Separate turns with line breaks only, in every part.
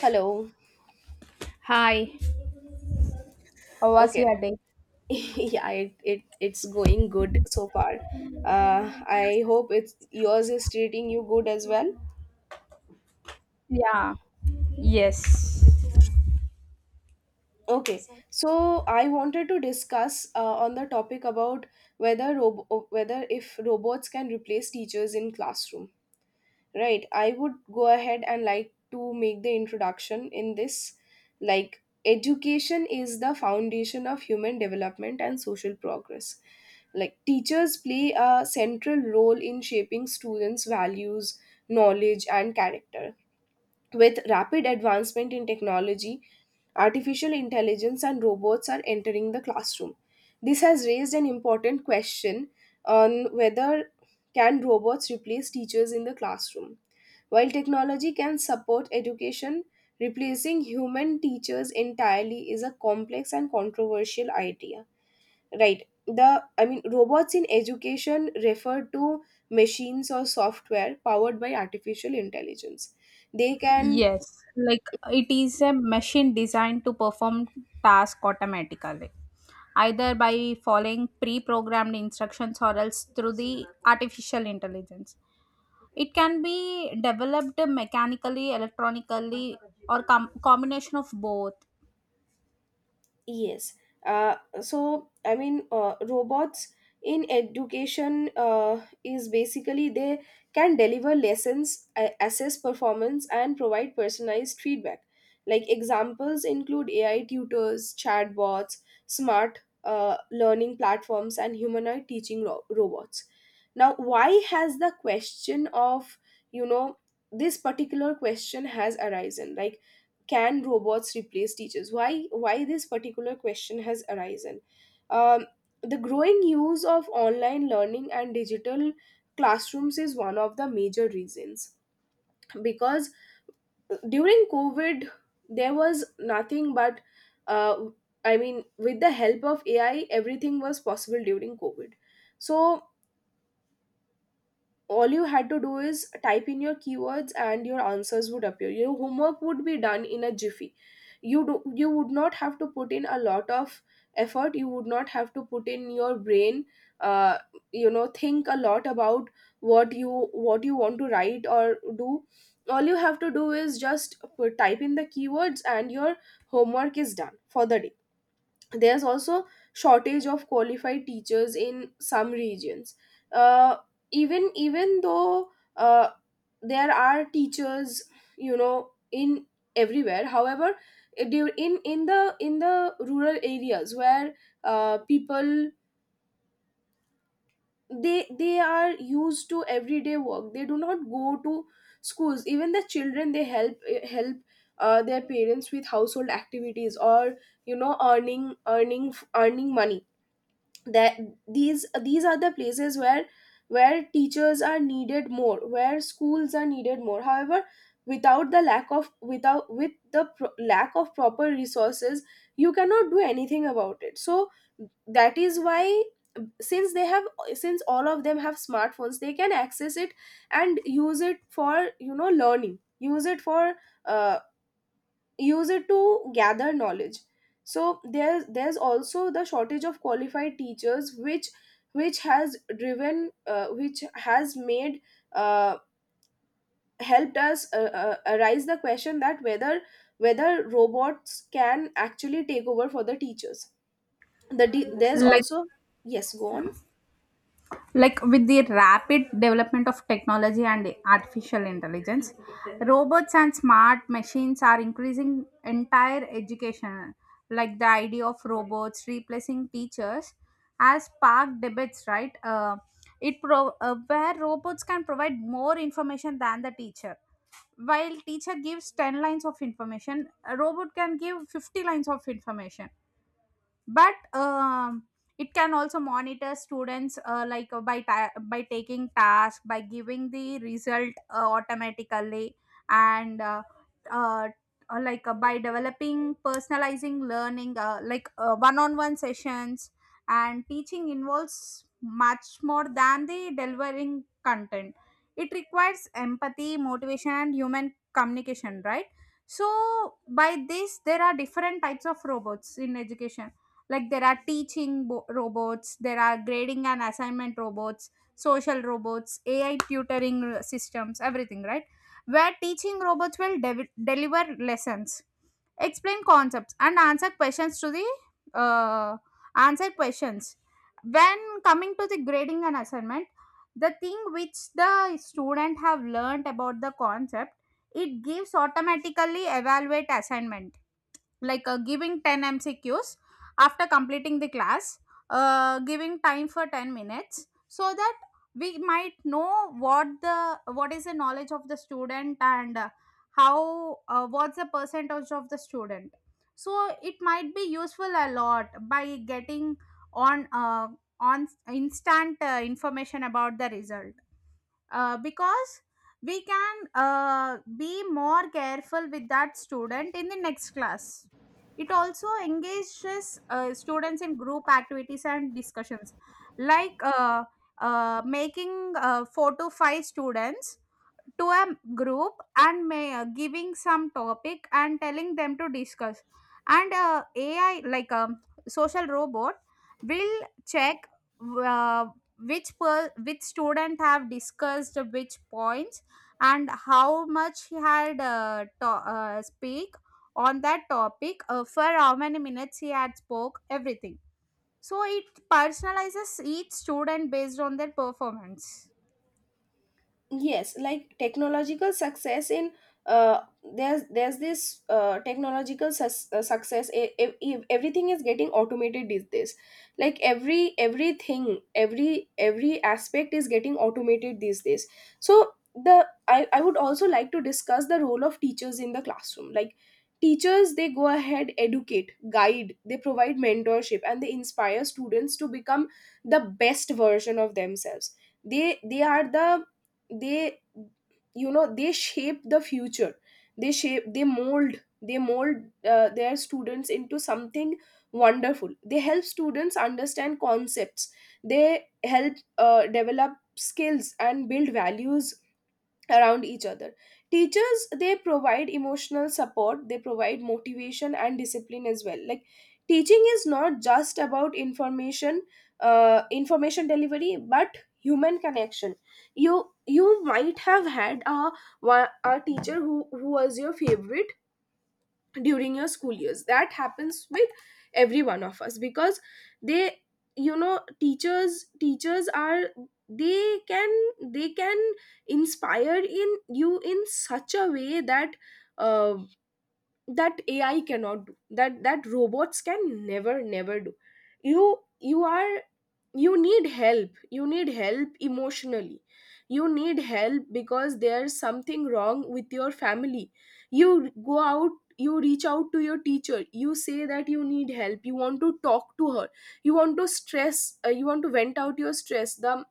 Hello.
Hi. How was
Okay.
your day?
Yeah, it's going good so far. Uh, I hope it's yours is treating you good as well.
Yeah. Yes.
Okay. So I wanted to discuss on the topic about whether if robots can replace teachers in classroom. Right, I would go ahead and like to make the introduction in this. Like, education is the foundation of human development and social progress. Like, teachers play a central role in shaping students' values, knowledge, and character. With rapid advancement in technology, artificial intelligence and robots are entering the classroom. This has raised an important question on whether can robots replace teachers in the classroom. While technology can support education, replacing human teachers entirely is a complex and controversial idea. Right. The I mean robots in education refer to machines or software powered by artificial intelligence. They can.
Yes. Like it is a machine designed to perform task automatically, either by following pre programmed instructions or else through the artificial intelligence. It can be developed mechanically, electronically, or combination of both.
Yes. So, I mean, robots in education is basically they can deliver lessons, assess performance, and provide personalized feedback. Like examples include AI tutors, chatbots, smart learning platforms, and humanoid teaching robots. Now, why has the question of, you know, this particular question has arisen? Like, can robots replace teachers? Why this particular question has arisen? Um, the growing use of online learning and digital classrooms is one of the major reasons, because during Covid there was nothing but, uh, I mean, with the help of AI everything was possible during Covid. So all you had to do is type in your keywords and your answers would appear, your homework would be done in a jiffy. You do you would not have to put in a lot of effort, you would not have to put in your brain, uh, you know, think a lot about what you want to write or do. All you have to do is just type in the keywords and your homework is done for the day. There's also shortage of qualified teachers in some regions. uh, Even though, uh, there are teachers, you know, in everywhere. However, in the rural areas where, people, they are used to everyday work, they do not go to schools. Even the children, they help, their parents with household activities or, you know, earning money. That these are the places where teachers are needed more, where schools are needed more. However, without the lack of, without with the lack of proper resources, you cannot do anything about it. So that is why, since they have since all of them have smartphones, they can access it and use it for, you know, learning, uh, use it to gather knowledge. So there's also the shortage of qualified teachers, which has driven, which has made, uh, helped us, arise the question that whether robots can actually take over for the teachers. There's
Like
also— Yes, go on.
like with the rapid development of technology and artificial intelligence, robots and smart machines are increasing entire education. Like the idea of robots replacing teachers has sparked debates, right? Where robots can provide more information than the teacher, while teacher gives 10 lines of information, a robot can give 50 lines of information. But it can also monitor students, by taking task, by giving the result automatically, and uh, by developing personalizing learning, one-on-one sessions. And teaching involves much more than the delivering content. It requires empathy, motivation and human communication, right? So by this, there are different types of robots in education. Like there are robots, there are grading and assignment robots, social robots, AI tutoring systems, everything, right? Where teaching robots will deliver lessons, explain concepts and answer questions to the uh, answer questions. When coming to the grading and assignment, the thing which the student have learned about the concept, it gives automatically evaluate assignment, like giving 10 MCQs after completing the class, giving time for 10 minutes so that we might know what the what is the knowledge of the student, and how what's the percentage of the student. So it might be useful a lot by getting on uh, on instant information about the result, because we can be more careful with that student in the next class. It also engages students in group activities and discussions, like uh, making four to five students to a group and giving some topic and telling them to discuss. And AI, like a social robot, will check uh, which student have discussed which points, and how much he had speak on that topic, for how many minutes he had spoke everything. So it personalizes each student based on their performance.
Yes. like technological success in uh, there's this, technological success, everything is getting automated these days. Like, every everything every aspect is getting automated these days. So I would also like to discuss the role of teachers in the classroom. Like, teachers, they go ahead, educate, guide, they provide mentorship and they inspire students to become the best version of themselves. They are the they You know, they shape the future. They shape, they mold, their students into something wonderful. They help students understand concepts, they help develop skills and build values around each other. Teachers, they provide emotional support, they provide motivation and discipline as well. Like, teaching is not just about information, delivery, but human connection. You might have had a teacher who was your favorite during your school years. That happens with every one of us, because they you know, teachers are, they can they can inspire in you in such a way that, uh, that AI cannot do, that robots can never do. You you are you need help emotionally. You need help because there's something wrong with your family. You go out, you reach out to your teacher, you say that you need help, you want to talk to her, you want to stress you want to vent out your stress, the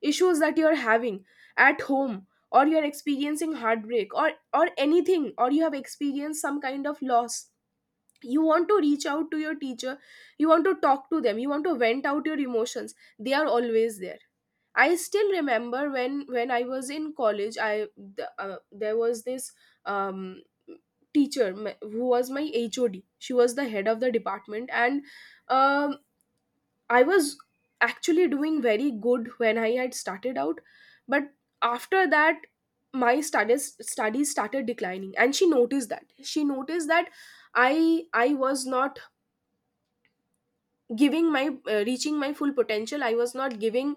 issues that you're having at home, or you're experiencing heartbreak, or anything, or you have experienced some kind of loss. You want to reach out to your teacher, you want to talk to them, you want to vent out your emotions, they are always there. I still remember when I was in college, there was this, um teacher, who was my HOD. She was the head of the department. And, um, I was actually doing very good when I had started out, but after that my studies started declining, and she noticed that, I was not giving my reaching my full potential. I was not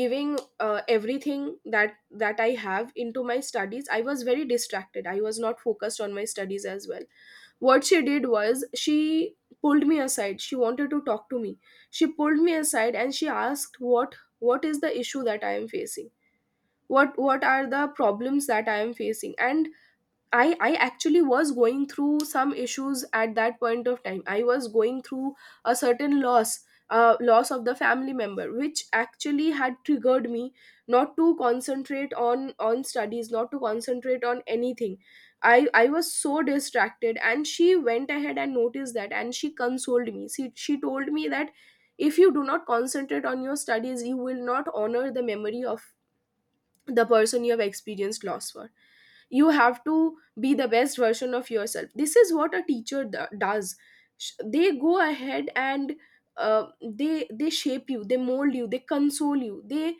giving, everything that I have into my studies. I was very distracted, I was not focused on my studies as well. What she did was, she pulled me aside, she wanted to talk to me. She pulled me aside and she asked what, is the issue that I am facing, what are the problems that I am facing. And I actually was going through some issues at that point of time. I was going through a certain loss, loss of the family member, which actually had triggered me not to concentrate on studies, not to concentrate on anything. I was so distracted, and she went ahead and noticed that, and she consoled me. She told me that if you do not concentrate on your studies, you will not honor the memory of the person you have experienced loss for. You have to be the best version of yourself. This is what a teacher does. They go ahead and, they shape you, they mold you, they console you,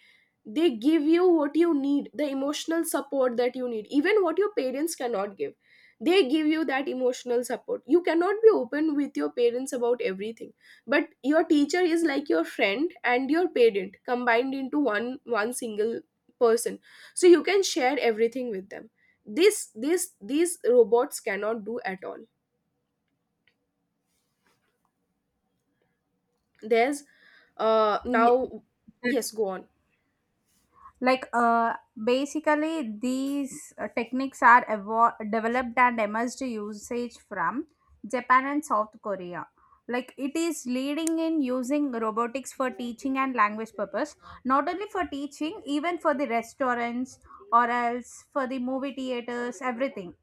they give you what you need, the emotional support that you need, even what your parents cannot give. They give you that emotional support. You cannot be open with your parents about everything, but your teacher is like your friend and your parent combined into one single person. So you can share everything with them. This, these robots cannot do at all. There's
Ye-
now Yes, go on.
like uh, Basically, these techniques are developed and emerged usage from Japan and South Korea. Like it is leading in using robotics for teaching and language purpose, not only for teaching, even for the restaurants or else for the movie theaters, everything.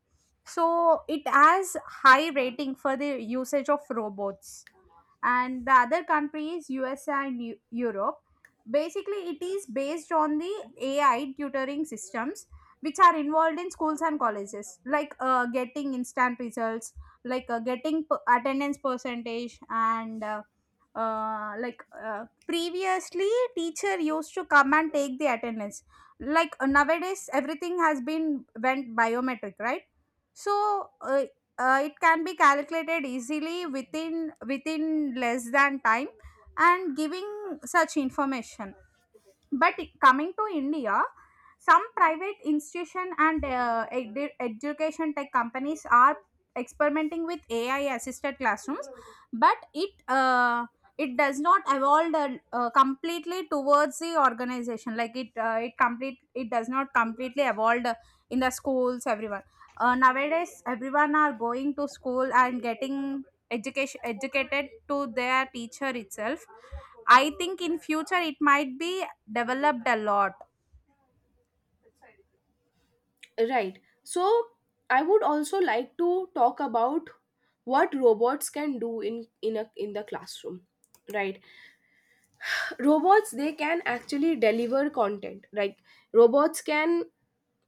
So it has high rating for the usage of robots. And the other country is USA and Europe. Basically, it is based on the AI tutoring systems which are involved in schools and colleges, like getting instant results, like attendance percentage, and previously teacher used to come and take the attendance, like nowadays everything has been went biometric, right? So uh, uh, it can be calculated easily within less than time and giving such information. But coming to India, some private institution and education tech companies are experimenting with AI assisted classrooms. But it does not evolve the completely towards the organization. Like it it complete it does not completely evolve the- In the schools, everyone nowadays, everyone are going to school and getting education educated to their teacher itself. I think in future it might be developed a lot.
Right. So I would also like to talk about what robots can do in the classroom. Right. Robots, they can actually deliver content. Like, robots can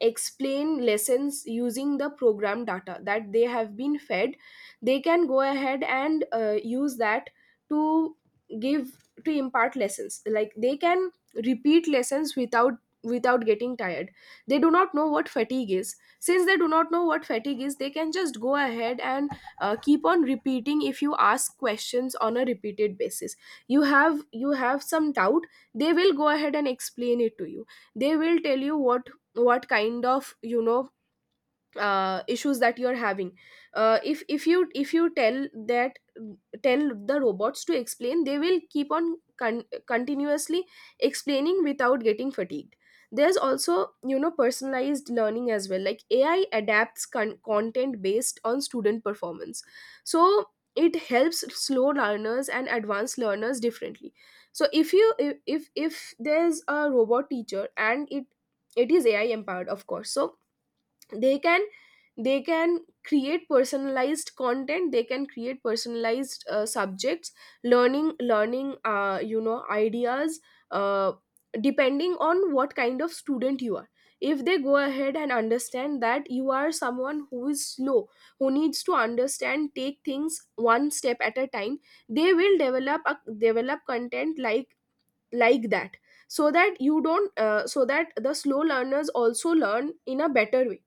explain lessons using the program data that they have been fed. They can go ahead and, use that to give to impart lessons. Like, they can repeat lessons without getting tired. They do not know what fatigue is. Since they do not know what fatigue is, they can just go ahead and, keep on repeating. If you ask questions on a repeated basis, you have some doubt, they will go ahead and explain it to you. They will tell you what, kind of, you know, issues that you're having. If you tell the robots to explain, they will keep on continuously explaining without getting fatigued. There's also, you know, personalized learning as well. Like, ai adapts content based on student performance. So it helps slow learners and advanced learners differently. So if you if there's a robot teacher and it is AI empowered, of course. So they can, create personalized content. They can create personalized, subjects, learning, you know, ideas, uh, depending on what kind of student you are. If they go ahead and understand that you are someone who is slow, who needs to understand, take things one step at a time, they will develop content like that, so that you don't so that the slow learners also learn in a better way.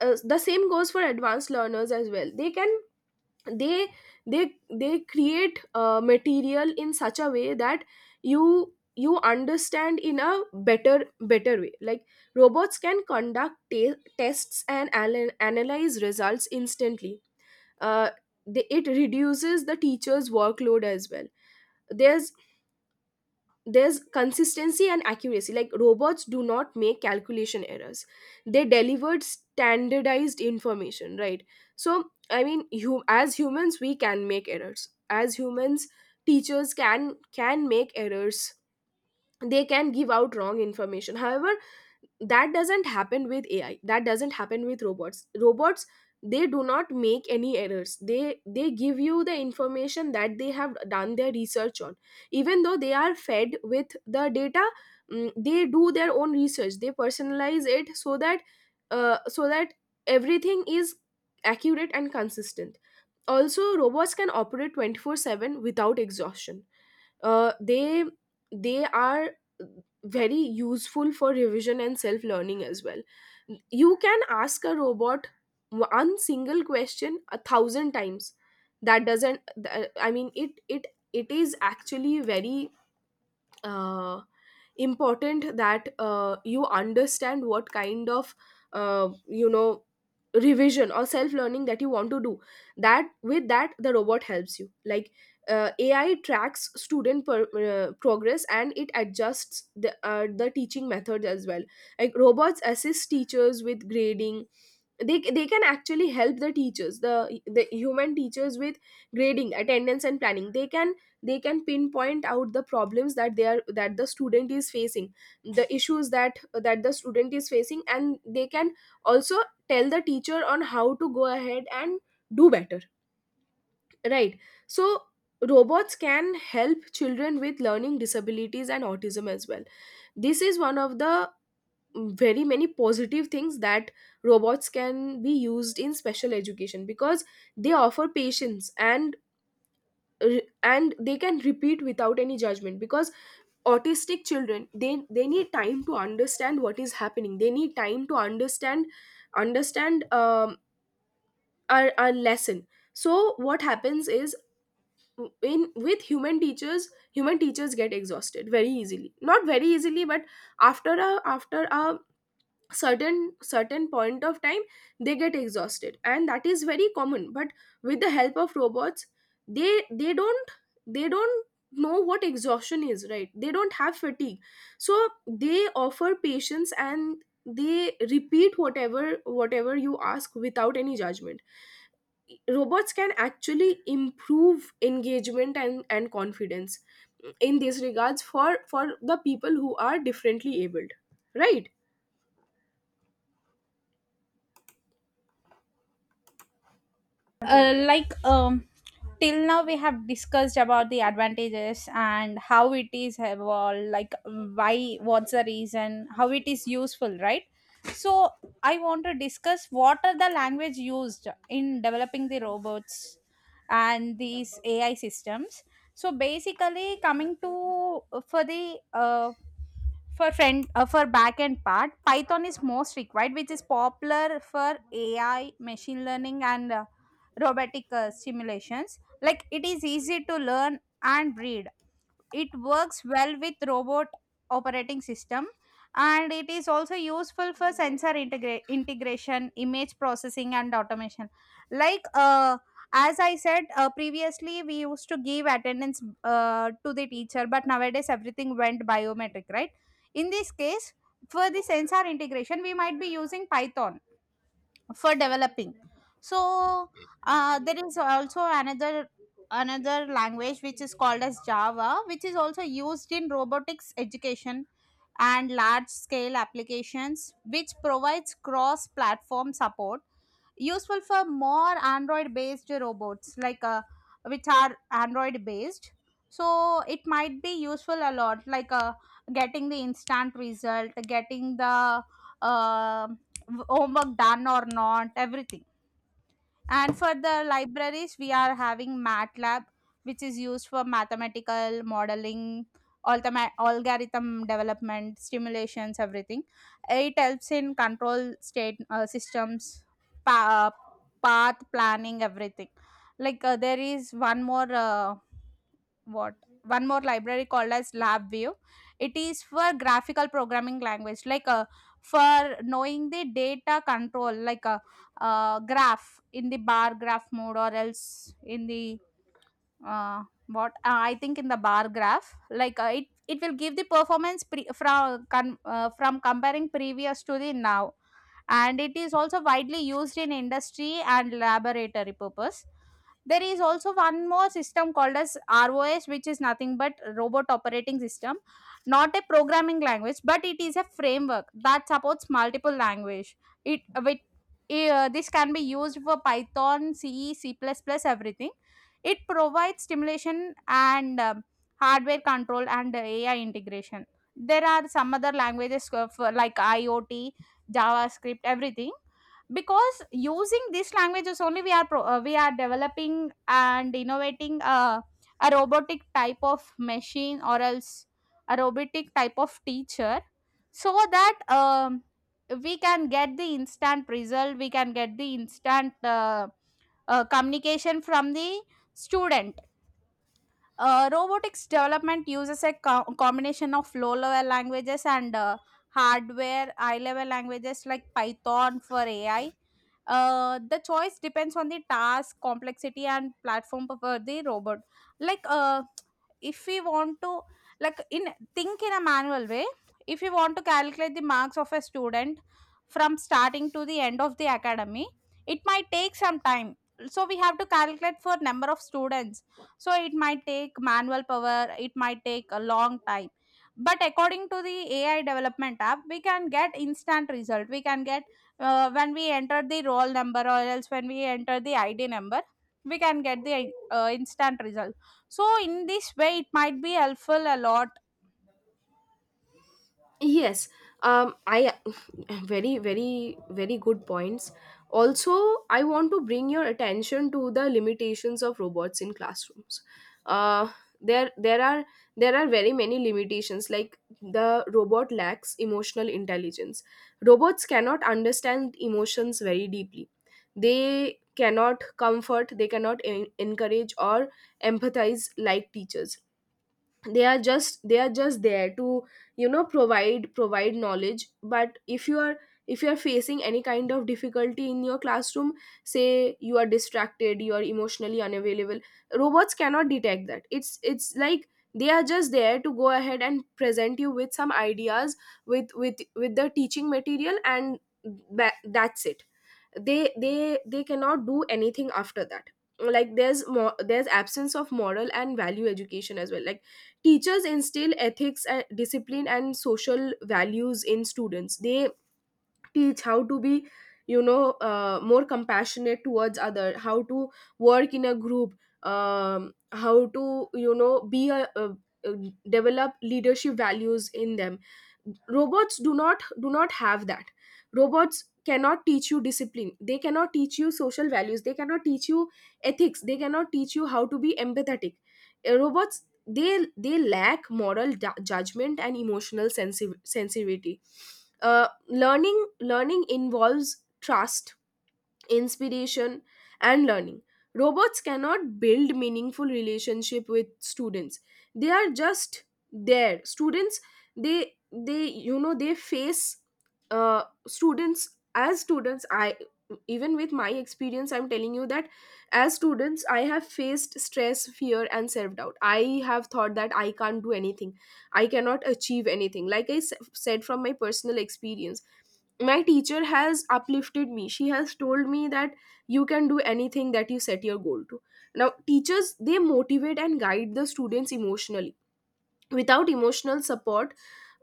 The same goes for advanced learners as well. They can they they they create, material in such a way that you understand in a better way. Like, robots can conduct tests and analyze results instantly. uh, it reduces the teacher's workload as well. there's there's consistency and accuracy. Like, robots do not make calculation errors, they delivered standardized information. Right. So I mean, you, as humans, we can make errors. As humans, teachers can make errors, they can give out wrong information. However, that doesn't happen with AI, that doesn't happen with robots. They do not make any errors. They give you the information that they have done their research on, even though they are fed with the data. They do their own research, they personalize it so that uh, so that everything is accurate and consistent. Also, robots can operate 24/7 without exhaustion. uh, they they are very useful for revision and self learning as well. You can ask a robot one single question a thousand times. That doesn't th- I mean it is actually very uh, important that you understand what kind of uh, you know revision or self learning that you want to do, that with that the robot helps you. Like, AI tracks student progress and it adjusts the teaching methods as well. Like, robots assist teachers with grading. They can actually help the teachers, the human teachers, with grading, attendance and planning. They can pinpoint out the problems that they are that the student is facing, the issues that the student is facing, and they can also tell the teacher on how to go ahead and do better, right? So robots can help children with learning disabilities and autism as well. This is one of the very many positive things that robots can be used in special education, because they offer patience and they can repeat without any judgment. Because autistic children, they need time to understand what is happening, they need time to understand our lesson. So what happens is, in with human teachers, human teachers get exhausted very easily, not very easily, but after a certain point of time, they get exhausted, and that is very common. But with the help of robots, they they don't they don't know what exhaustion is, right? They don't have fatigue. So they offer patience and they repeat whatever you ask without any judgment. Robots can actually improve engagement and confidence in these regards, for the people who are differently abled, right?
uh, like um Till now we have discussed about the advantages and how it is evolved, like why, what's the reason, how it is useful, right? So I want to discuss what are the language used in developing the robots and these AI systems. So basically, coming to for the for front for back end part, Python is most required, which is popular for AI, machine learning and robotic simulations. Like it is easy to learn and read. It works well with robot operating system and it is also useful for sensor integration, image processing and automation. Like as I said previously, we used to give attendance to the teacher, but nowadays everything went biometric, right? In this case, for the sensor integration, we might be using Python for developing. So there is also another language which is called as Java, which is also used in robotics education and large scale applications, which provides cross platform support, useful for more android based robots, like which are android based. So it might be useful a lot, like getting the instant result, getting the uh, homework done or not, everything. And for the libraries, we are having MATLAB, which is used for mathematical modeling, algorithm development, simulations, everything. It helps in control state systems, pa- uh, path planning, everything. Like there is one more. What One more library called as LabVIEW. It is for graphical programming language, like for knowing the data control, like a graph in the bar graph mode or else in the what I think in the bar graph, like it will give the performance from comparing previous to the now, and it is also widely used in industry and laboratory purpose. There is also one more system called as ROS, which is nothing but robot operating system, not a programming language, but it is a framework that supports multiple language. It with this can be used for Python, C, C++, everything. It provides stimulation and hardware control and AI integration. There are some other languages of, like IoT, JavaScript, everything, because using these languages only we are developing and innovating a robotic type of machine or else a robotic type of teacher, so that we can get the instant result, we can get the instant communication from the student. Robotics development uses a combination of low level languages and hardware, high level languages like Python for AI. The choice depends on the task, complexity, and platform for the robot. Like, uh, if we want to like in think in a manual way, if we want to calculate the marks of a student from starting to the end of the academy, it might take some time. So we have to calculate for number of students, so it might take manual power, it might take a long time. But according to the AI development app, we can get instant result, we can get when we enter the roll number or else when we enter the ID number, we can get the instant result. So in this way, it might be helpful a lot.
Yes, I very, very, very good points. Also, I want to bring your attention to the limitations of robots in classrooms. Uh, there, there are there are very many limitations. Like, the robot lacks emotional intelligence. Robots cannot understand emotions very deeply. They cannot comfort. They cannot encourage or empathize like teachers. They are just there to provide knowledge. But if you are facing any kind of difficulty in your classroom, say you are distracted, you are emotionally unavailable, robots cannot detect that. It's like they are just there to go ahead and present you with some ideas, with the teaching material, and that's it. They cannot do anything after that. Like, there's more, there's absence of moral and value education as well. Like, teachers instill ethics and discipline and social values in students. They teach how to be more compassionate towards other, how to work in a group, how to be a develop leadership values in them. Robots do not have that. Robots cannot teach you discipline, they cannot teach you social values, they cannot teach you ethics, they cannot teach you how to be empathetic. Robots they they lack moral judgment and emotional sensitivity. Uh, learning involves trust, inspiration and learning. Robots cannot build meaningful relationship with students. They are just there, students. They you know they face students as students. I, even with my experience, I'm telling you that as students, I have faced stress, fear and self doubt. I have thought that I can't do anything, I cannot achieve anything. Like, I said, from my personal experience, my teacher has uplifted me. She has told me that you can do anything that you set your goal to. Now, teachers, they motivate and guide the students emotionally. Without emotional support,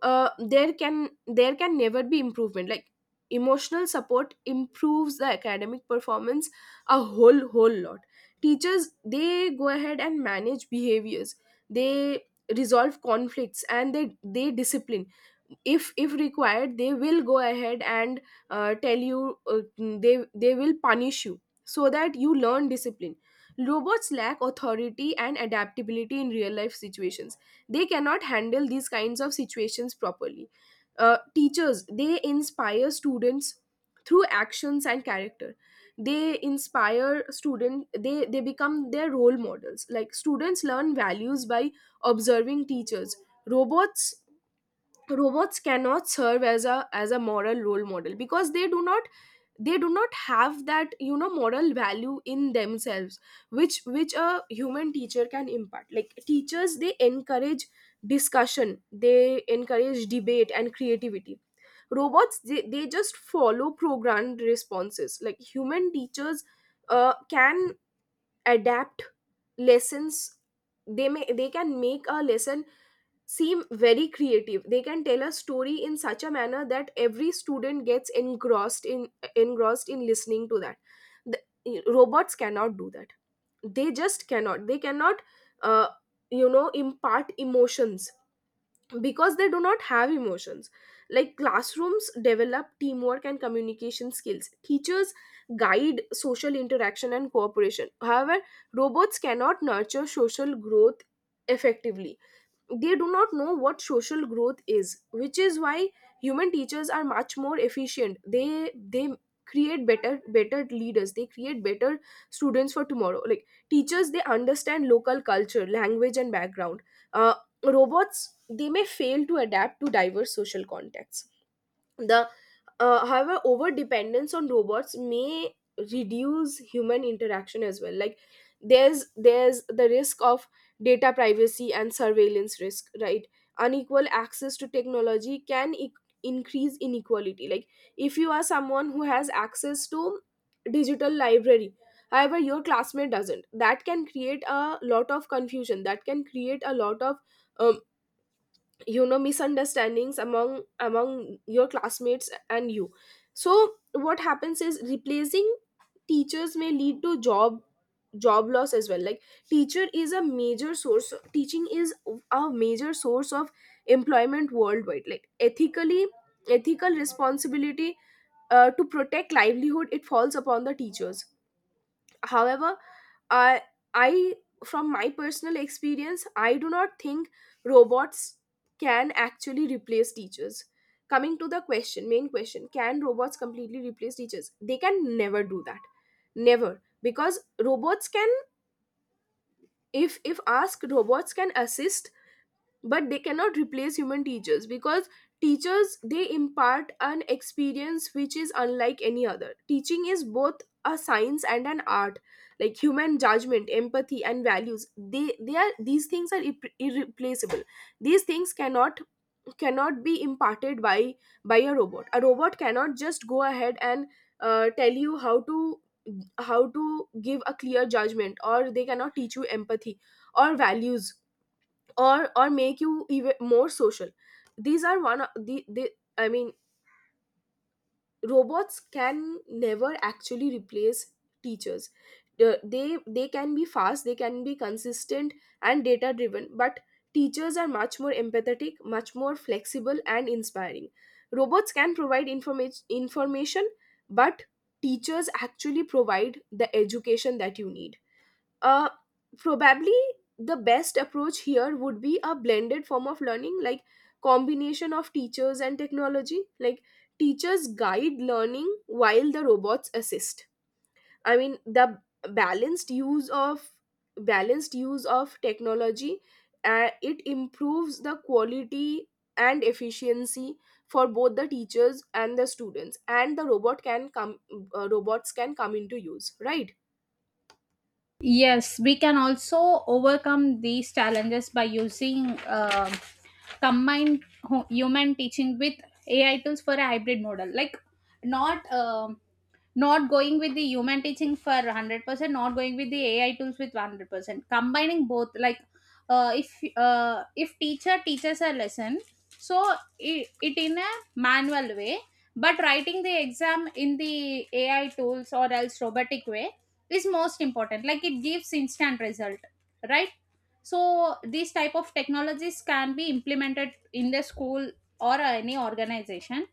there can never be improvement. Like, emotional support improves the academic performance a whole lot. Teachers, they go ahead and manage behaviors, they resolve conflicts, and they discipline. If required, they will go ahead and tell you they will punish you so that you learn discipline. Robots lack authority and adaptability in real life situations. They cannot handle these kinds of situations properly. Uh, teachers, they inspire students through actions and character. They inspire student, they become their role models. Like, students learn values by observing teachers. Robots robots cannot serve as a moral role model because they do not have that, you know, moral value in themselves, which a human teacher can impart. Like, teachers, they encourage discussion, they encourage debate and creativity. Robots, they just follow programmed responses. Like, human teachers can adapt lessons. They can make a lesson seem very creative. They can tell a story in such a manner that every student gets engrossed in listening to that. the, robots cannot do that. They cannot uh, impart emotions because they do not have emotions. Like, classrooms develop teamwork and communication skills. Teachers guide social interaction and cooperation. However, robots cannot nurture social growth effectively. They do not know what social growth is, which is why human teachers are much more efficient. They create better leaders, they create better students for tomorrow. Like, teachers, they understand local culture, language and background. Uh, robots, they may fail to adapt to diverse social contexts. The however, over dependence on robots may reduce human interaction as well. Like, there's the risk of data privacy and surveillance risk, right? Unequal access to technology can increase inequality. Like, if you are someone who has access to digital library, however your classmate doesn't, that can create a lot of confusion, that can create a lot of uh, misunderstandings among your classmates and you. So what happens is, replacing teachers may lead to job loss as well. Like, teacher is a major source, teaching is a major source of employment worldwide. Like, ethically, ethical responsibility to protect livelihood, it falls upon the teachers. However, I I, from my personal experience, I do not think robots can actually replace teachers. Coming to the question, main question, can robots completely replace teachers? They can never do that. Never. Because robots can, if asked, robots can assist, but they cannot replace human teachers. Because teachers, they impart an experience which is unlike any other. Teaching is both a science and an art. Like, human judgment, empathy and values, they are these things are irreplaceable. These things cannot be imparted by a robot. A robot cannot just go ahead and tell you how to give a clear judgment, or they cannot teach you empathy or values, or make you even more social. These are one of the. i mean robots can never actually replace teachers. They can be fast, they can be consistent and data driven, but teachers are much more empathetic, much more flexible and inspiring. Robots can provide information, but teachers actually provide the education that you need. Uh, probably the best approach here would be a blended form of learning. Like, combination of teachers and technology. Like, teachers guide learning while the robots assist. I mean, the balanced use of balanced use of technology, it improves the quality and efficiency for both the teachers and the students, and the robot can come, robots can come into use, right?
Yes, we can also overcome these challenges by using combined human teaching with AI tools for a hybrid model. Like not um, not going with the human teaching for 100%, not going with the AI tools with 100%. Combining both, like uh, if if teacher teaches a lesson, so it in a manual way, but writing the exam in the AI tools or else robotic way is most important. Like it gives instant result, right? So these type of technologies can be implemented in the school or any organization.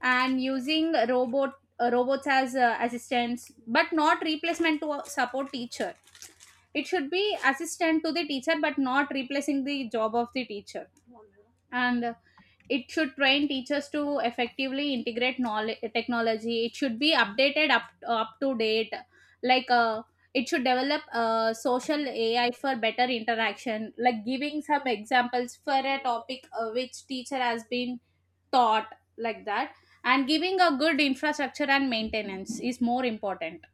And using robots as assistants but not replacement to support teacher. It should be assistant to the teacher but not replacing the job of the teacher. And it should train teachers to effectively integrate knowledge technology. It should be updated up to date. Like it should develop a social AI for better interaction, like giving some examples for a topic which teacher has been taught, like that. And giving a good infrastructure and maintenance is more important.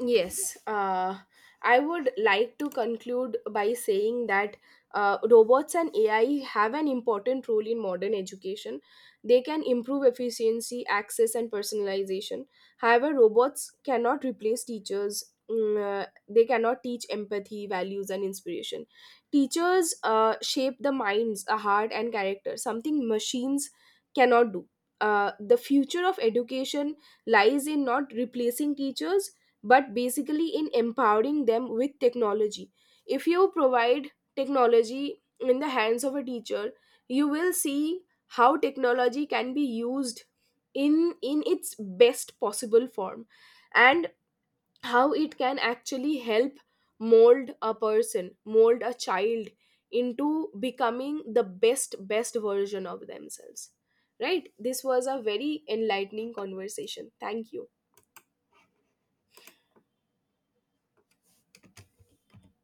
Yes, I would like to conclude by saying that robots and AI have an important role in modern education. They can improve efficiency, access, and personalization. However, robots cannot replace teachers. mm, uh, they cannot teach empathy, values, and inspiration. Teachers shape the minds, a heart, and character, something machines cannot do. The future of education lies in not replacing teachers, but basically in empowering them with technology. If you provide technology in the hands of a teacher, you will see how technology can be used in its best possible form, and how it can actually help mold a person, mold a child into becoming the best version of themselves. Right? This was a very enlightening conversation. Thank you.